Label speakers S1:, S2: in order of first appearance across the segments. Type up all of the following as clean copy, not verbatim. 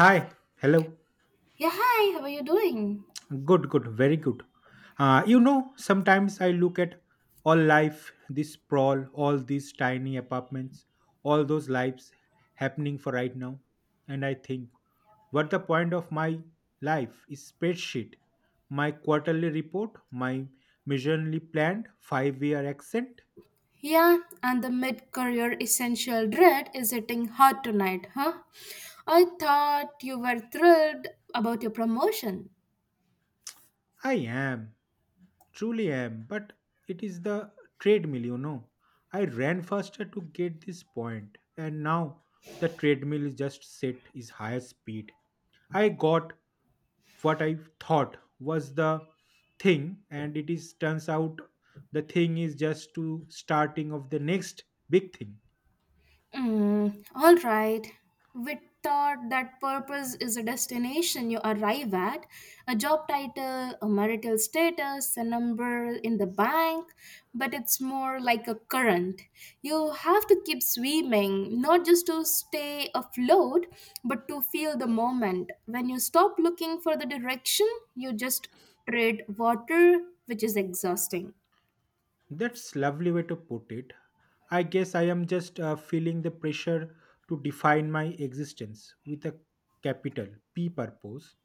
S1: Hi, hello.
S2: Yeah, hi, how are you doing?
S1: Good, good, very good. Sometimes I look at all life, this sprawl, all these tiny apartments, all those lives happening for right now, and I think, what the point of my life is spreadsheet, my quarterly report, my miserably planned 5-year accent?
S2: Yeah, and the mid career essential dread is hitting hard tonight, huh? I thought you were thrilled about your promotion.
S1: I am. Truly am, but it is the treadmill. I ran faster to get this point, and now the treadmill is just set is higher speed. I got what I thought was the thing, and it is turns out the thing is just to starting of the next big thing.
S2: Mm, all right. We thought that purpose is a destination you arrive at, a job title, a marital status, a number in the bank, but it's more like a current. You have to keep swimming, not just to stay afloat, but to feel the moment. When you stop looking for the direction, you just tread water, which is exhausting.
S1: That's lovely way to put it. I guess I am just feeling the pressure to define my existence with a capital P purpose.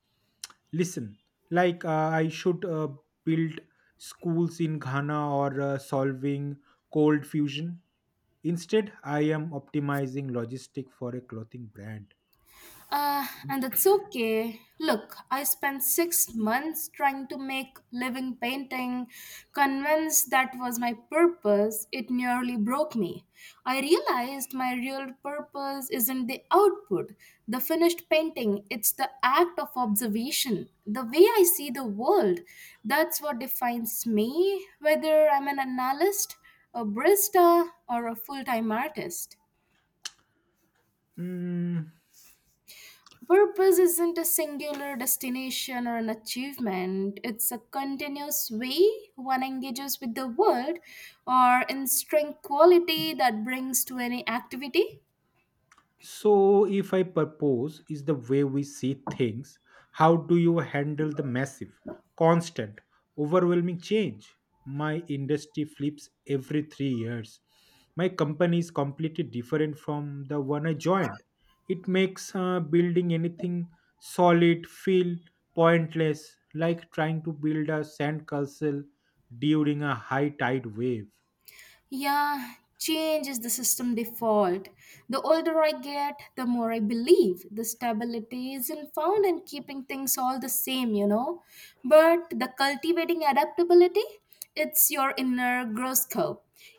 S1: Listen, like I should build schools in Ghana or solving cold fusion. Instead, I am optimizing logistic for a clothing brand.
S2: And that's okay. Look, I spent 6 months trying to make living painting, convinced that was my purpose. It nearly broke me. I realized my real purpose isn't the output, the finished painting, it's the act of observation, the way I see the world. That's what defines me, whether I'm an analyst, a barista, or a full time artist.
S1: Hmm.
S2: Purpose isn't a singular destination or an achievement, it's a continuous way one engages with the world or in strength quality that brings to any activity.
S1: So, if I propose, is the way we see things, how do you handle the massive, constant, overwhelming change? My industry flips every 3 years. My company is completely different from the one I joined. It makes building anything solid feel pointless, like trying to build a sandcastle during a high tide wave.
S2: Yeah, change is the system default. The older I get, the more I believe the stability isn't found in keeping things all the same, you know. But the cultivating adaptability, it's your inner growth curve.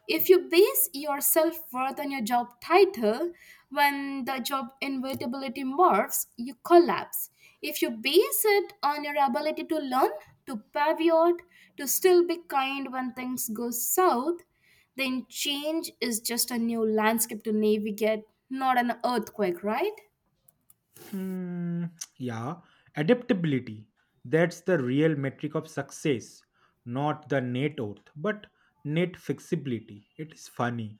S2: If you base your self worth on your job title, when the job inevitability morphs, you collapse. If you base it on your ability to learn, to pivot, to still be kind when things go south, then change is just a new landscape to navigate, not an earthquake, right?
S1: Mm, yeah, adaptability. That's the real metric of success, not the net worth, but net flexibility. It is funny.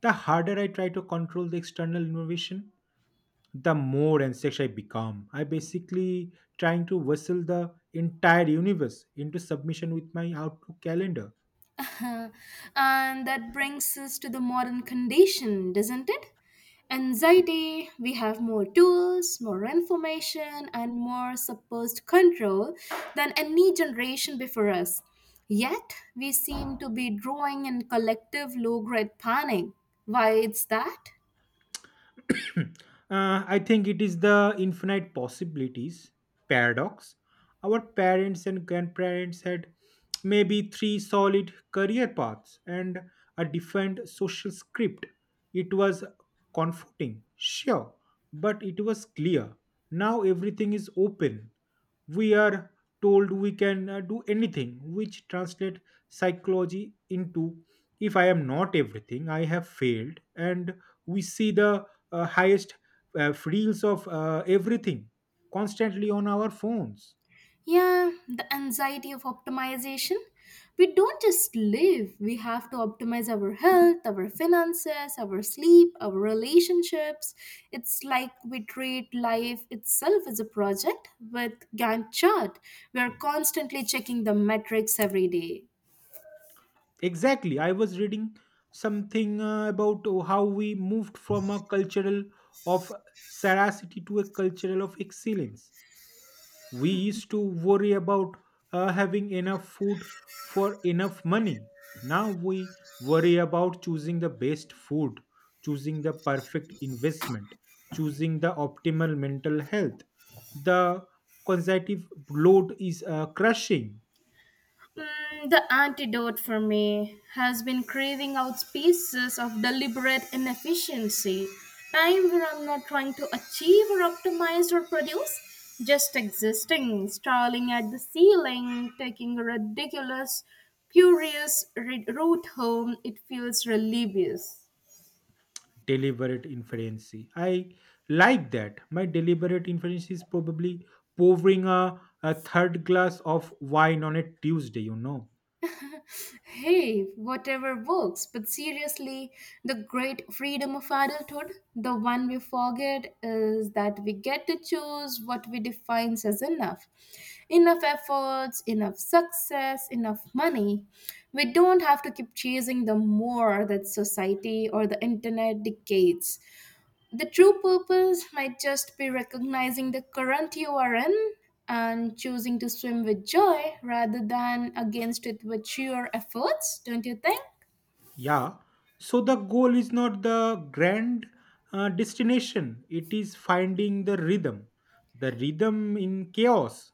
S1: The harder I try to control the external innovation, the more anxious I become. I basically trying to wrestle the entire universe into submission with my Outlook calendar.
S2: Uh-huh. And that brings us to the modern condition, doesn't it? Anxiety, we have more tools, more information, and more supposed control than any generation before us. Yet, we seem to be drawing in collective low grade panic. Why it's that?
S1: I think it is the infinite possibilities paradox. Our parents and grandparents had maybe three solid career paths and a defined social script. It was comforting, sure, but it was clear. Now everything is open. We are told we can do anything, which translate psychology into if I am not everything, I have failed. And we see the highest reels of everything constantly on our phones.
S2: Yeah, the anxiety of optimization. We don't just live, we have to optimize our health, our finances, our sleep, our relationships. It's like we treat life itself as a project with Gantt chart. We are constantly checking the metrics every day.
S1: Exactly. I was reading something about how we moved from a cultural of saracity to a cultural of excellence. We used to worry about having enough food for enough money. Now we worry about choosing the best food, choosing the perfect investment, choosing the optimal mental health. The consecutive load is crushing.
S2: Mm, the antidote for me has been craving out spaces of deliberate inefficiency, time where I'm not trying to achieve or optimize or produce, just existing, staring at the ceiling, taking a ridiculous, curious route home. It feels religious.
S1: Deliberate inferency. I like that. My deliberate inference is probably pouring a third glass of wine on a Tuesday.
S2: Hey, whatever works. But seriously, the great freedom of adulthood, the one we forget is that we get to choose what we define as enough. Enough efforts, enough success, enough money. We don't have to keep chasing the more that society or the internet dictates. The true purpose might just be recognizing the current you are in and choosing to swim with joy rather than against it with sheer efforts, don't you think?
S1: Yeah. So the goal is not the grand destination, it is finding the rhythm. The rhythm in chaos.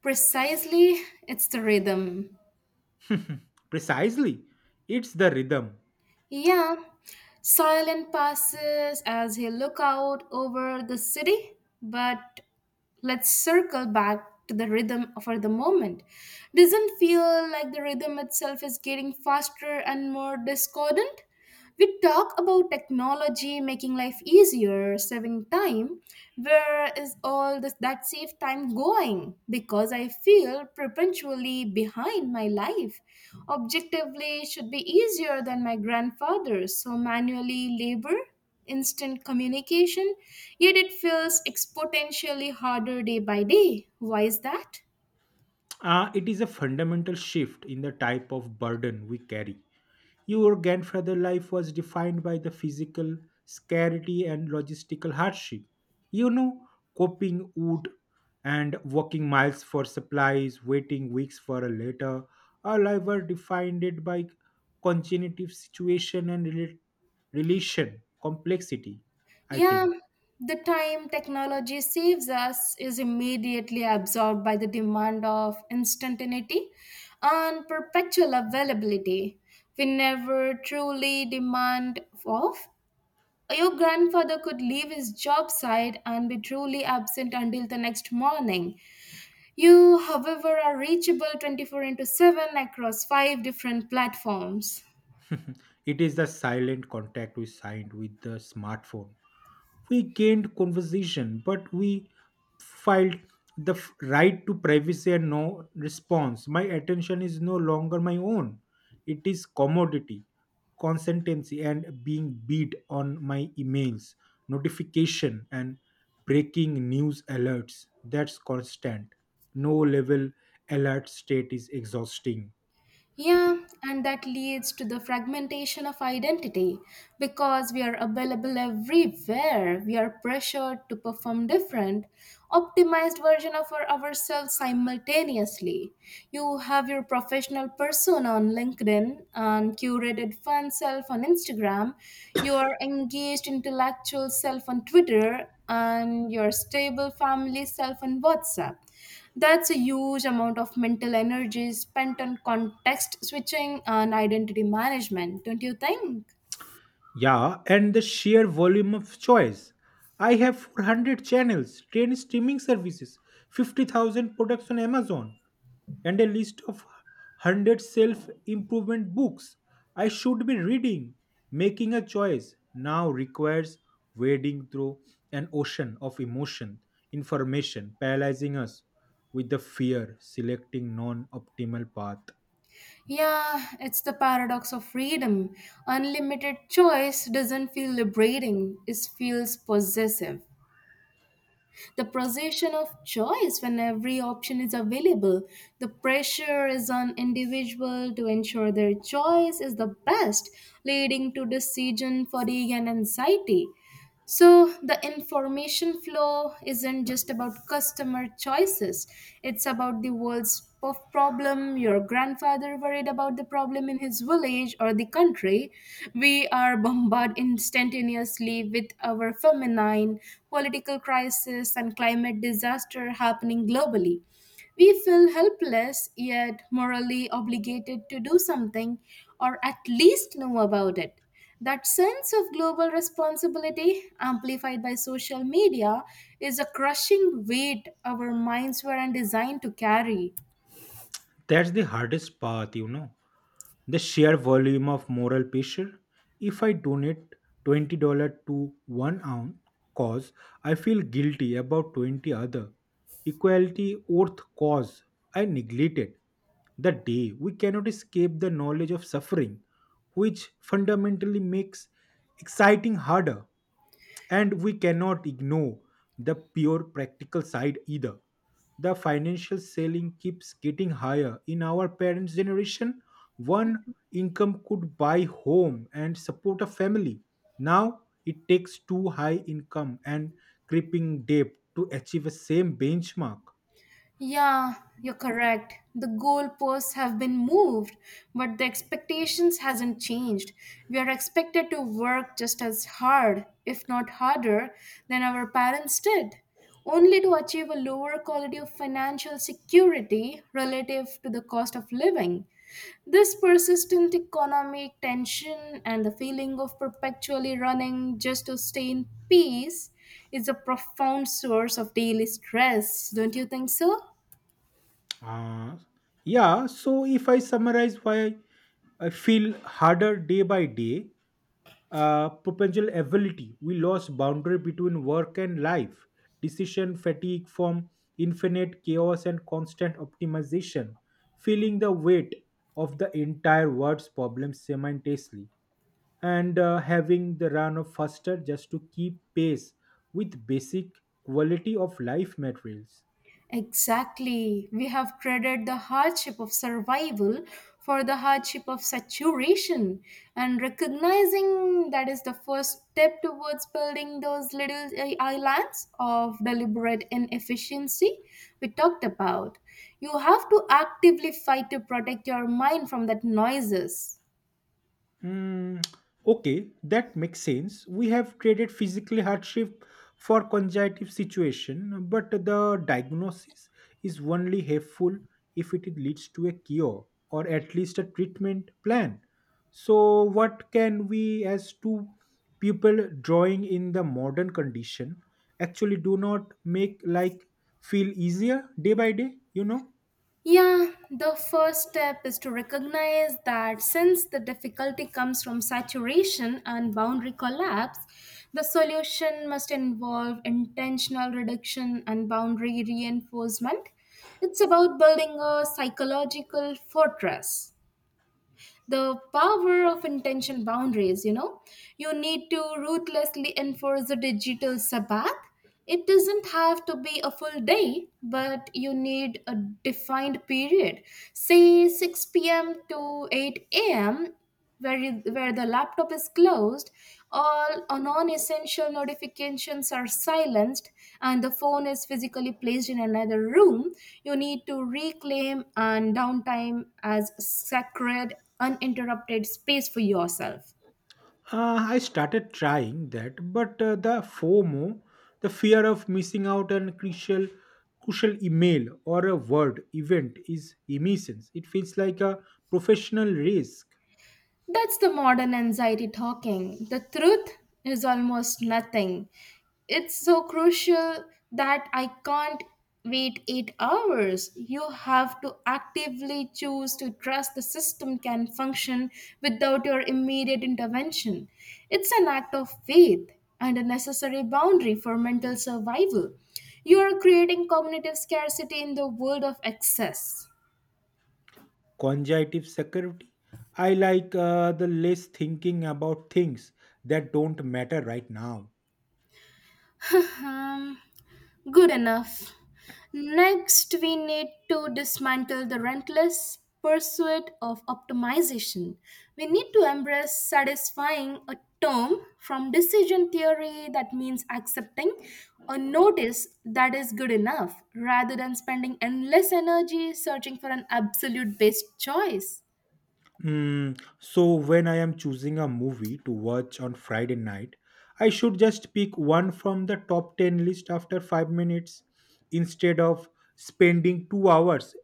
S2: Precisely, it's the rhythm.
S1: Precisely. It's the rhythm.
S2: Yeah, silent passes as he look out over the city, but let's circle back to the rhythm for the moment. Doesn't feel like the rhythm itself is getting faster and more discordant? We talk about technology making life easier, saving time. Where is all this that saved time going? Because I feel perpetually behind my life. Objectively it should be easier than my grandfather's. So manually labor, instant communication, yet it feels exponentially harder day by day. Why is that?
S1: It is a fundamental shift in the type of burden we carry. Your grandfather's life was defined by the physical scarcity and logistical hardship. You know, coping wood and walking miles for supplies, waiting weeks for a letter. Our life were defined it by congenitive situation and relation complexity. I
S2: Yeah,
S1: think
S2: the time technology saves us is immediately absorbed by the demand of instantaneity and perpetual availability. We never truly demand off. Your grandfather could leave his job site and be truly absent until the next morning. You, however, are reachable 24 into 7 across five different platforms.
S1: it is the silent contact we signed with the smartphone. We gained conversation, but we filed right to privacy and no response. My attention is no longer my own. It is commodity. Consistency and being beat on my emails notification and breaking news alerts, that's constant. No level alert state is exhausting.
S2: Yeah, and that leads to the fragmentation of identity because we are available everywhere. We are pressured to perform different, optimized version of ourselves simultaneously. You have your professional persona on LinkedIn and curated fun self on Instagram, your engaged intellectual self on Twitter, and your stable family self on WhatsApp. That's a huge amount of mental energy spent on context switching and identity management, don't you think?
S1: Yeah, and the sheer volume of choice. I have 400 channels, 10 streaming services, 50,000 products on Amazon, and a list of 100 self improvement books I should be reading. Making a choice now requires wading through an ocean of emotion, information, paralyzing us with the fear, selecting non optimal path.
S2: Yeah, it's the paradox of freedom. Unlimited choice doesn't feel liberating, it feels possessive. The possession of choice when every option is available, the pressure is on individual to ensure their choice is the best, leading to decision fatigue and anxiety. So, the information flow isn't just about customer choices, it's about the world's problem. Your grandfather worried about the problem in his village or the country. We are bombarded instantaneously with our feminine, political crisis, and climate disaster happening globally. We feel helpless yet morally obligated to do something or at least know about it. That sense of global responsibility, amplified by social media, is a crushing weight our minds weren't designed to carry.
S1: That's the hardest path. The sheer volume of moral pressure. If I donate $20 to one ounce cause, I feel guilty about 20 other equality worth cause I neglected. The day we cannot escape the knowledge of suffering, which fundamentally makes exciting harder. And we cannot ignore the pure practical side either. The financial ceiling keeps getting higher. In our parents generation, one income could buy home and support a family. Now it takes two high income and creeping debt to achieve the same benchmark.
S2: Yeah, you're correct. The goalposts have been moved, but the expectations hasn't changed. We are expected to work just as hard, if not harder, than our parents did, only to achieve a lower quality of financial security relative to the cost of living. This persistent economic tension and the feeling of perpetually running just to stay in peace, it's a profound source of daily stress, don't you think so?
S1: uh, yeah, so if I summarize why I feel harder day by day, propensal ability. We lost boundary between work and life. Decision fatigue from infinite chaos and constant optimization, feeling the weight of the entire world's problem simultaneously, and having the run of faster just to keep pace with basic quality of life materials.
S2: Exactly. We have traded the hardship of survival for the hardship of saturation. And recognizing that is the first step towards building those little islands of deliberate inefficiency we talked about. You have to actively fight to protect your mind from that noises.
S1: Hmm. Okay, that makes sense. We have traded physical hardship for cognitive situation, but the diagnosis is only helpful if it leads to a cure or at least a treatment plan. So, what can we, as two people drawing in the modern condition, actually do not make like feel easier day by day?
S2: Yeah, the first step is to recognize that since the difficulty comes from saturation and boundary collapse, the solution must involve intentional reduction and boundary reinforcement. It's about building a psychological fortress, the power of intention boundaries, you know. You need to ruthlessly enforce a digital sabbath. It doesn't have to be a full day, but you need a defined period, say 6 p.m to 8 a.m, where the laptop is closed, all non essential notifications are silenced, and the phone is physically placed in another room. You need to reclaim and downtime as sacred, uninterrupted space for yourself.
S1: I started trying that, but the FOMO, the fear of missing out on crucial email or a word event, is immense. It feels like a professional risk.
S2: That's the modern anxiety talking. The truth is almost nothing. It's so crucial that I can't wait 8 hours. You have to actively choose to trust the system can function without your immediate intervention. It's an act of faith and a necessary boundary for mental survival. You are creating cognitive scarcity in the world of excess.
S1: Conjunctive security. I like the less thinking about things that don't matter right now.
S2: Um, Good enough. Next, we need to dismantle the relentless pursuit of optimization. We need to embrace satisfying, a term from decision theory that means accepting a notice that is good enough rather than spending endless energy searching for an absolute best choice.
S1: Mm, so when I am choosing a movie to watch on Friday night, I should just pick one from the top 10 list after 5 minutes instead of spending 2 hours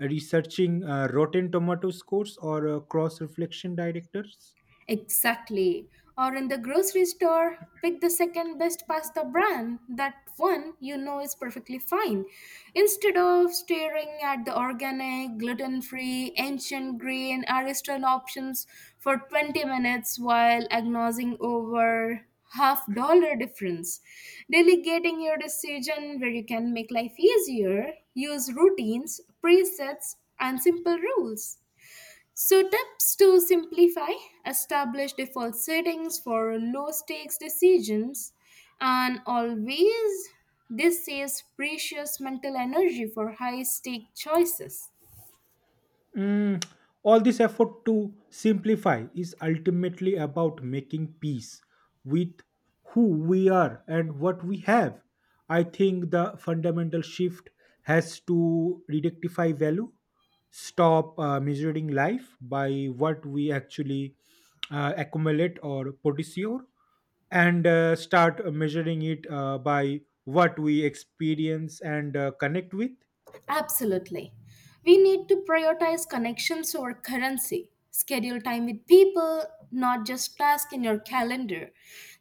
S1: researching Rotten Tomato scores or cross reflection directors.
S2: Exactly. Or in the grocery store, pick the second best pasta brand, that one you know is perfectly fine. Instead of staring at the organic, gluten free, ancient grain, artisan options for 20 minutes while agonizing over half dollar difference. Delegating your decision where you can make life easier, use routines, presets, and simple rules. So, tips to simplify: establish default settings for low stakes decisions and always this saves precious mental energy for high stake choices.
S1: Mm, all this effort to simplify is ultimately about making peace with who we are and what we have. I think the fundamental shift has to rectify value, stop measuring life by what we actually accumulate or procure, and start measuring it by what we experience and connect with.
S2: Absolutely. We need to prioritize connections over currency. Schedule time with people, not just tasks in your calendar.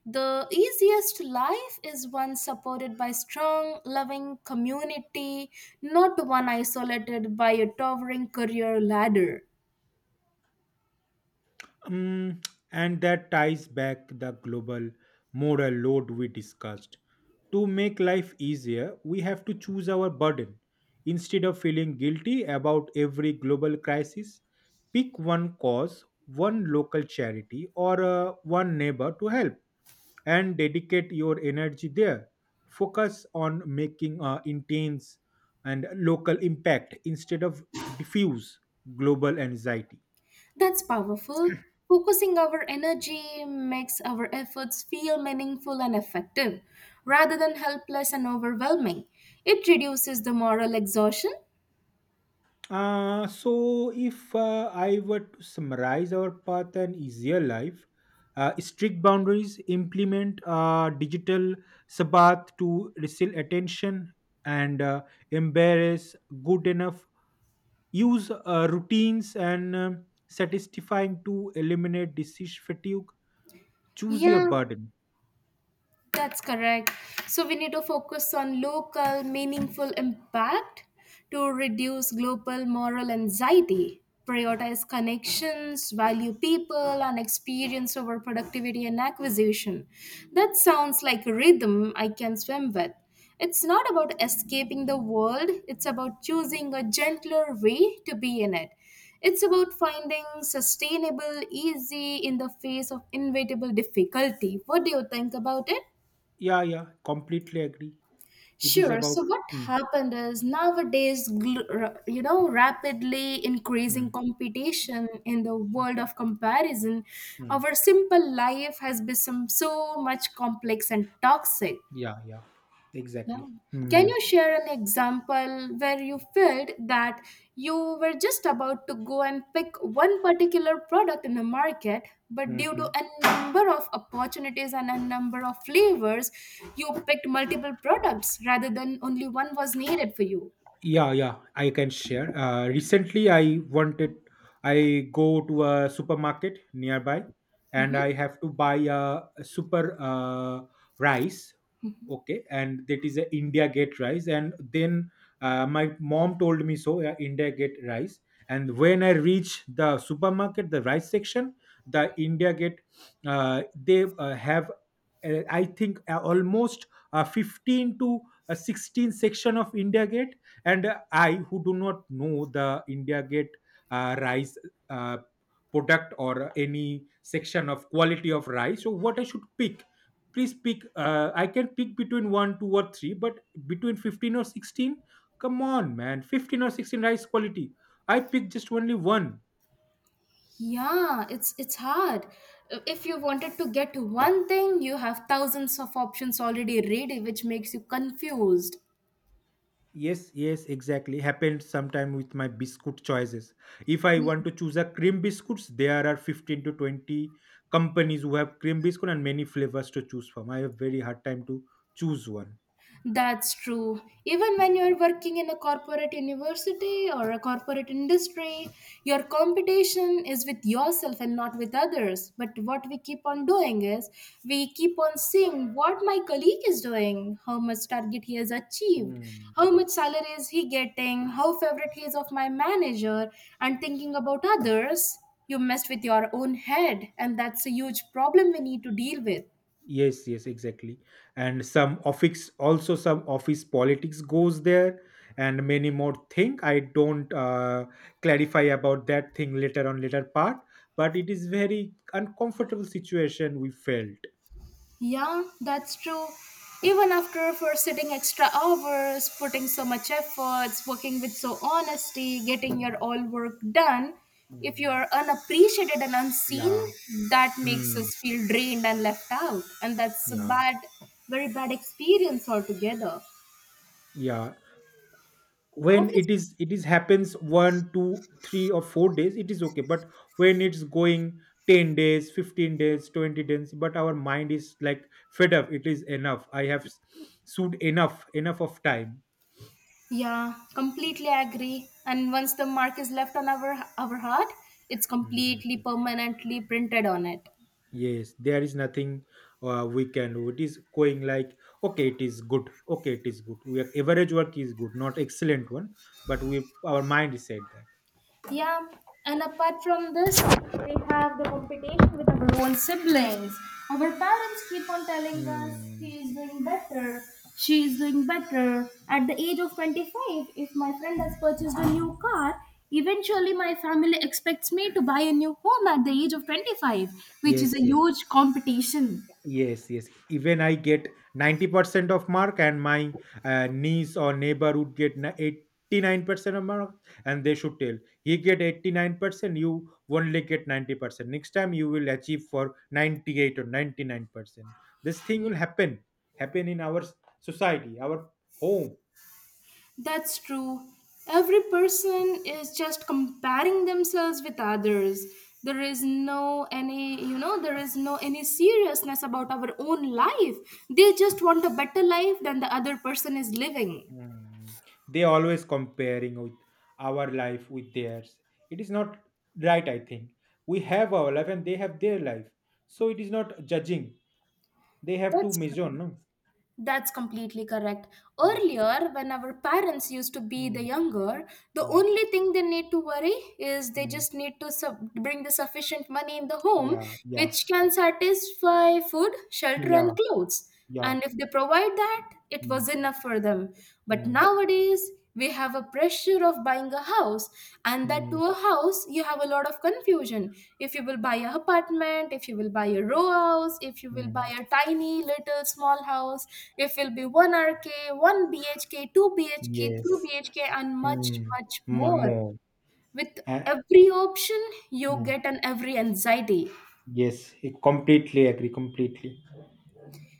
S2: The easiest life is one supported by strong, loving community, not one isolated by a towering career ladder.
S1: Um and that ties back the global moral load we discussed. To make life easier, we have to choose our burden. Instead of feeling guilty about every global crisis, pick one cause, one local charity, or one neighbor to help and dedicate your energy there. Focus on making intense and local impact instead of diffuse global anxiety.
S2: That's powerful. Focusing our energy makes our efforts feel meaningful and effective rather than helpless and overwhelming. It reduces the moral exhaustion.
S1: So, if I were to summarize our path and easier life, strict boundaries, implement a digital sabbath to receive attention and embarrass good enough, use routines and satisfying to eliminate disease fatigue,
S2: 一
S1: choose your
S2: 样
S1: burden.
S2: That's correct. So we need to focus on local, meaningful impact to reduce global moral anxiety, prioritize connections, value people, and experience over productivity and acquisition. That sounds like a rhythm I can swim with. It's not about escaping the world, it's about choosing a gentler way to be in it. It's about finding sustainable, easy in the face of inevitable difficulty. What do you think about it?
S1: Yeah, yeah, completely agree. It is
S2: Sure. So
S1: about.
S2: what
S1: Mm,
S2: happened is nowadays, you know, rapidly increasing
S1: mm,
S2: competition in the world of comparison,
S1: mm.
S2: our simple life has become so much complex and toxic.
S1: Yeah, yeah,
S2: Yeah.
S1: exactly.
S2: Can
S1: Mm-hmm.
S2: you share an example where you felt that you were just about to go and pick one particular product in the market, but due to a number of opportunities and a number of flavors, you picked multiple products rather than only one was needed for you?
S1: Yeah, yeah, I can share. Recently, I wanted, I go to a supermarket nearby, and I have to buy a super rice. Okay, and that is a India Gate rice. And then my mom told me so, India Gate rice. And when I reach the supermarket, the rice section, the India Gate, they have, I think, almost 15 to a 16 section of India Gate. And I who do not know the India Gate rice uh, product or any section of quality of rice, so what I should pick? Please pick, I can pick between 1 2 or 3, but between 15 or 16, come on man, 15 or 16 rice quality, I pick just only one.
S2: Yeah, it's hard. If you wanted to get one thing, you have thousands of options already ready, which makes you confused.
S1: Yes, yes, exactly. Happened sometime with my biscuit choices. If I want to choose a cream biscuits, there are 15 to 20 companies who have cream biscuit and many flavors to choose from. I have very hard time to choose one.
S2: That's true. Even when you're working in a corporate university or a corporate industry, your competition is with yourself and not with others. But what we keep on doing is we keep on seeing what my colleague is doing, how much target he has achieved,
S1: Hmm.
S2: how much salary is he getting, how favorite he is of my manager, and thinking about others, you messed with your own head. And that's a huge problem we need to deal with.
S1: Yes, yes, exactly. And some office, also some office politics goes there, and many more thing. I don't clarify about that thing later on later part, but it is very uncomfortable situation we felt.
S2: Yeah, that's true. Even after for sitting extra hours, putting so much efforts, working with so honesty, getting your all work done, if
S1: Hmm.
S2: you're unappreciated and unseen,
S1: Yeah.
S2: that makes
S1: Hmm.
S2: us feel drained and left out. And that's a
S1: Yeah,
S2: bad, very bad experience altogether.
S1: yeah. When
S2: Office,
S1: it is, happens one, two, 3 or 4 days, it is okay. But when it's going 10 days, 15 days, 20 days, but our mind is like fed up. It is enough. I have sued enough, enough of time.
S2: yeah, completely agree. And once the mark is left on our heart, it's completely
S1: Mm,
S2: permanently printed on it.
S1: yes, there is nothing we can do. It is going like, okay, it is good. Okay, it is good. We are, average work is good, not excellent one, but we our mind is said that.
S2: Yeah, and apart from this, we have the competition with our own siblings. Our parents keep on telling us
S1: Hmm.
S2: he is doing better, she is doing better. At the age of 25, if my friend has purchased a new car, eventually my family expects me to buy a new home at the age of 25, which is a
S1: Yes, yes.
S2: huge competition.
S1: Yes, yes. Even I get 90% of mark, and my niece or neighbor would get 89% of mark, and they should tell, he get 89%, you only get 90%. Next time you will achieve for 98 or 99%. This thing will happen in our society, our home.
S2: That's true. Every person is just comparing themselves with others. There is no any, there is no any seriousness about our own life. They just want a better life than the other person is living.
S1: Hmm. They always comparing with our life with theirs. It is not right, I think. We have our life and they have their life. So it is not judging. They have to
S2: That's
S1: measure,
S2: correct.
S1: no?
S2: That's completely correct.
S1: Mm,
S2: Earlier, when our parents used to be the
S1: mm,
S2: younger, the
S1: mm,
S2: only thing they need to worry is they
S1: mm.
S2: just need to bring the sufficient money in the home,
S1: Yeah, yeah,
S2: which can satisfy food, shelter,
S1: yeah,
S2: and clothes.
S1: yeah.
S2: And if they provide that, it was
S1: Mm,
S2: enough for them. But
S1: mm,
S2: nowadays, we have a pressure of buying a house, and that to
S1: mm,
S2: a house you have a lot of confusion if you will buy a apartment, if you will buy a row house, if you will buy
S1: mm.
S2: a tiny little small house, if it will be 1 rk 1 bhk 2 bhk 3
S1: Yes.
S2: bhk and much
S1: Mm,
S2: much more
S1: more.
S2: with
S1: Uh,
S2: every option. You
S1: mm.
S2: get an every anxiety.
S1: Yes, I completely agree, completely.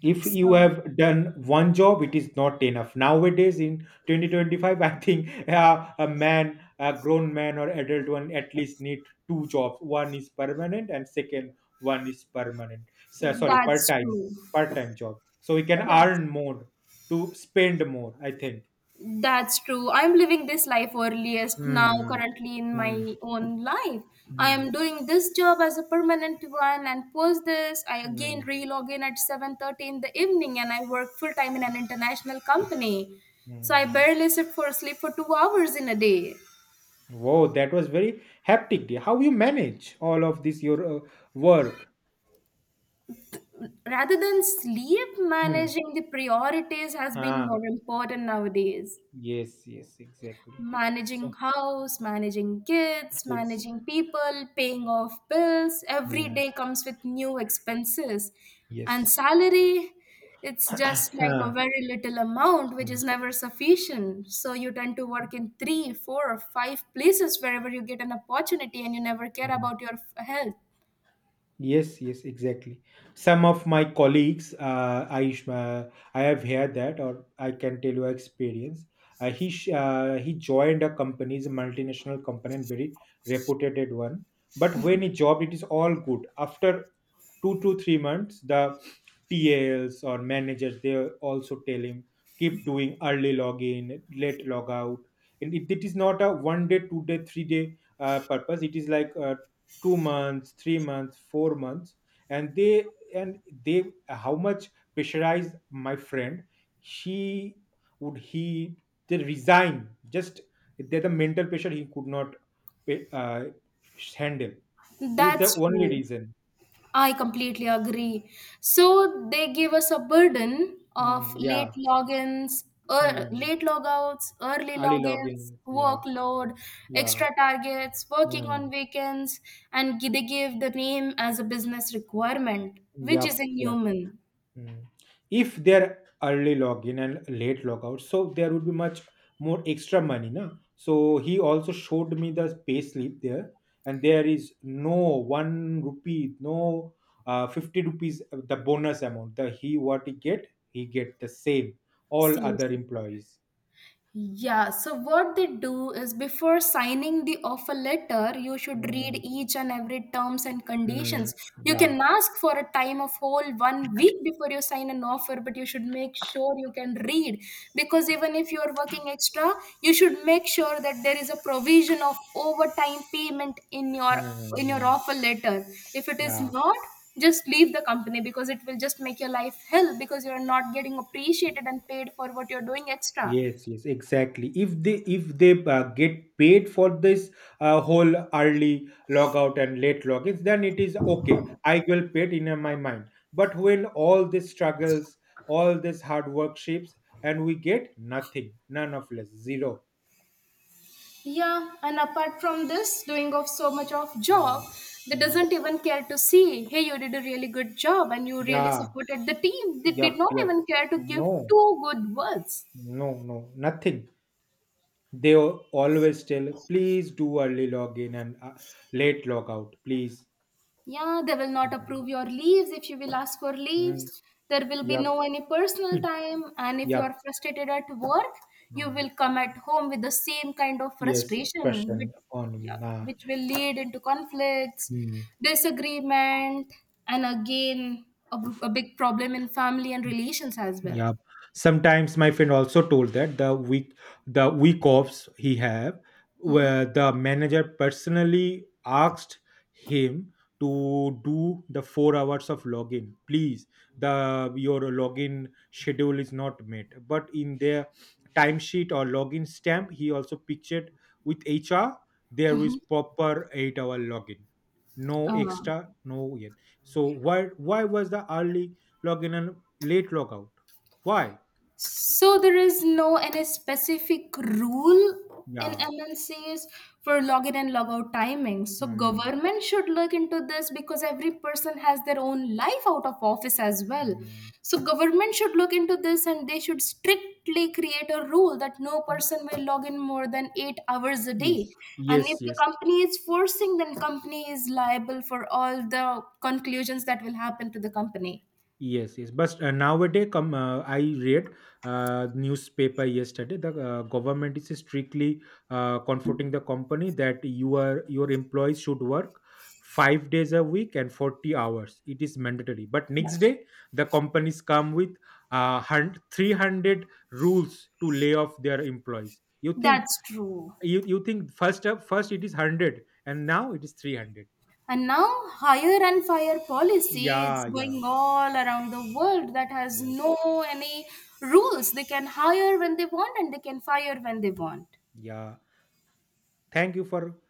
S1: If you
S2: So
S1: have done one job, it is not enough nowadays in 2025. I think a man, a grown man or adult one, at least need two jobs. One is permanent and second one is permanent, so, sorry, part
S2: that's
S1: time
S2: true
S1: part time job, so we can
S2: that's
S1: earn more to spend more, I think.
S2: That's true. I'm living this life earliest now,
S1: Mm,
S2: currently in
S1: mm.
S2: my own life. I am
S1: Hmm.
S2: doing this job as a permanent one, and post this, I again
S1: Hmm.
S2: relog in at 7:30 in the evening, and I work full time in an international company. So I
S1: Hmm.
S2: barely sit for sleep for 2 hours in a day.
S1: Wow, that was very hectic. How you manage all of this your work?
S2: Rather than sleep,
S1: Hmm.
S2: managing the priorities has been
S1: Huh.
S2: more important nowadays.
S1: Yes, yes, exactly.
S2: Managing
S1: Soft
S2: house, managing kids,
S1: kids.
S2: managing people, paying off bills. Every
S1: Mm,
S2: day comes with new expenses. And
S1: yes.
S2: salary, it's just like a
S1: Huh.
S2: very little amount which
S1: Mm,
S2: is never sufficient. So you tend to work in three, four, or five places wherever you get an opportunity and you never care
S1: mm.
S2: about your health.
S1: Yes, yes, exactly. Some of my colleagues, I have heard that, or I can tell you experience. He joined a company, is a multinational company, and very reputed one. But when he job, it is all good. After 2 to 3 months, the tals or managers, they also tell him keep doing early login late log out. And it is not a 1 day 2 day 3 day purpose. It is like 2 months 3 months 4 months. And they and they, how much pressurized my friend, she would he, they resign just that the mental pressure he could not uh, handle. It's
S2: That's
S1: the only
S2: true.
S1: reason.
S2: I completely agree. So they give us a burden of
S1: Mm,
S2: late
S1: yeah.
S2: logins,
S1: Mm.
S2: late logouts, early
S1: Early
S2: logins,
S1: login. Yeah.
S2: workload,
S1: Yeah.
S2: extra targets, working on
S1: Mm.
S2: weekends, and they give the name as a business requirement, which is
S1: Yep. Yep.
S2: inhuman.
S1: Mm. If they're early login and late logout, so there would be much more extra money, na? So he also showed me the pay slip there, and there is no 1 rupee, no 50 rupees, the bonus amount. The he what he get the same. All
S2: Seems.
S1: other employees.
S2: Yeah, so what they do is before signing the offer letter, you should read
S1: Mm.
S2: each and every terms and
S1: Mm.
S2: conditions. You
S1: Yeah.
S2: can ask for a time of whole one week before you sign an offer, but you should make sure you can read because even if you are working extra, you should make sure that there is a provision of overtime payment in your
S1: Mm.
S2: offer letter. If it is
S1: Yeah.
S2: not, just leave the company because it will just make your life hell because you are not getting appreciated and paid for what you're doing extra.
S1: Yes, yes, exactly. If they get paid for this whole early logout and late logins, then it is okay. I will pay it in my mind. But when all these struggles, all this hard work shapes, and we get nothing, none of less, zero.
S2: Yeah, and apart from this, doing of so much of job,
S1: Mm,
S2: they
S1: mm.
S2: doesn't even care to see, hey, you did a really good job and you really
S1: Yeah,
S2: supported the team. They
S1: yep,
S2: did not
S1: yep.
S2: even care to give
S1: No,
S2: two good words.
S1: no, no, nothing. They always tell, please do early login and late logout, please.
S2: Yeah, they will not
S1: Mm,
S2: approve your leaves if you will ask for
S1: mm.
S2: leaves. There will be
S1: Yep.
S2: no any personal time. And if you
S1: Yep.
S2: are frustrated at work, you will come at home with the same kind of
S1: Yes,
S2: frustration, which,
S1: question
S2: yeah,
S1: on
S2: which will lead into conflicts,
S1: hmm,
S2: disagreement, and again, a big problem in family and relations as well.
S1: Yeah. Sometimes my friend also told that the week offs he have where the manager personally asked him to do the 4 hours of login. Please, the your login schedule is not met. But in their timesheet or login stamp, he also pictured with HR there is proper 8 hour login. No
S2: Uh,
S1: extra, no yet. So why was the early login and late logout? Why?
S2: So there is no any specific rule in
S1: Yeah.
S2: MNCs for login and logout timings. So
S1: Mm,
S2: government should look into this because every person has their own life out of office as well.
S1: mm.
S2: So government should look into this and they should strictly create a rule that no person will log in more than 8 hours a day.
S1: Yes.
S2: And if
S1: Yes.
S2: the
S1: Yes.
S2: company is forcing then company is liable for all the conclusions that will happen to the company.
S1: Yes. Yes. But nowadays, come. I read newspaper yesterday. The government is strictly comforting the company that your employees should work 5 days a week and 40 hours it is mandatory, but next day the companies come with 300 rules to lay off their employees. You think
S2: That's true.
S1: you think first up first it is 100 and now it is 300?
S2: And now, higher and fire policy it's
S1: Yeah, yeah,
S2: going all around the world that has
S1: yes,
S2: no any rules. They can hire when they want and they can fire when they want.
S1: yeah. Thank you for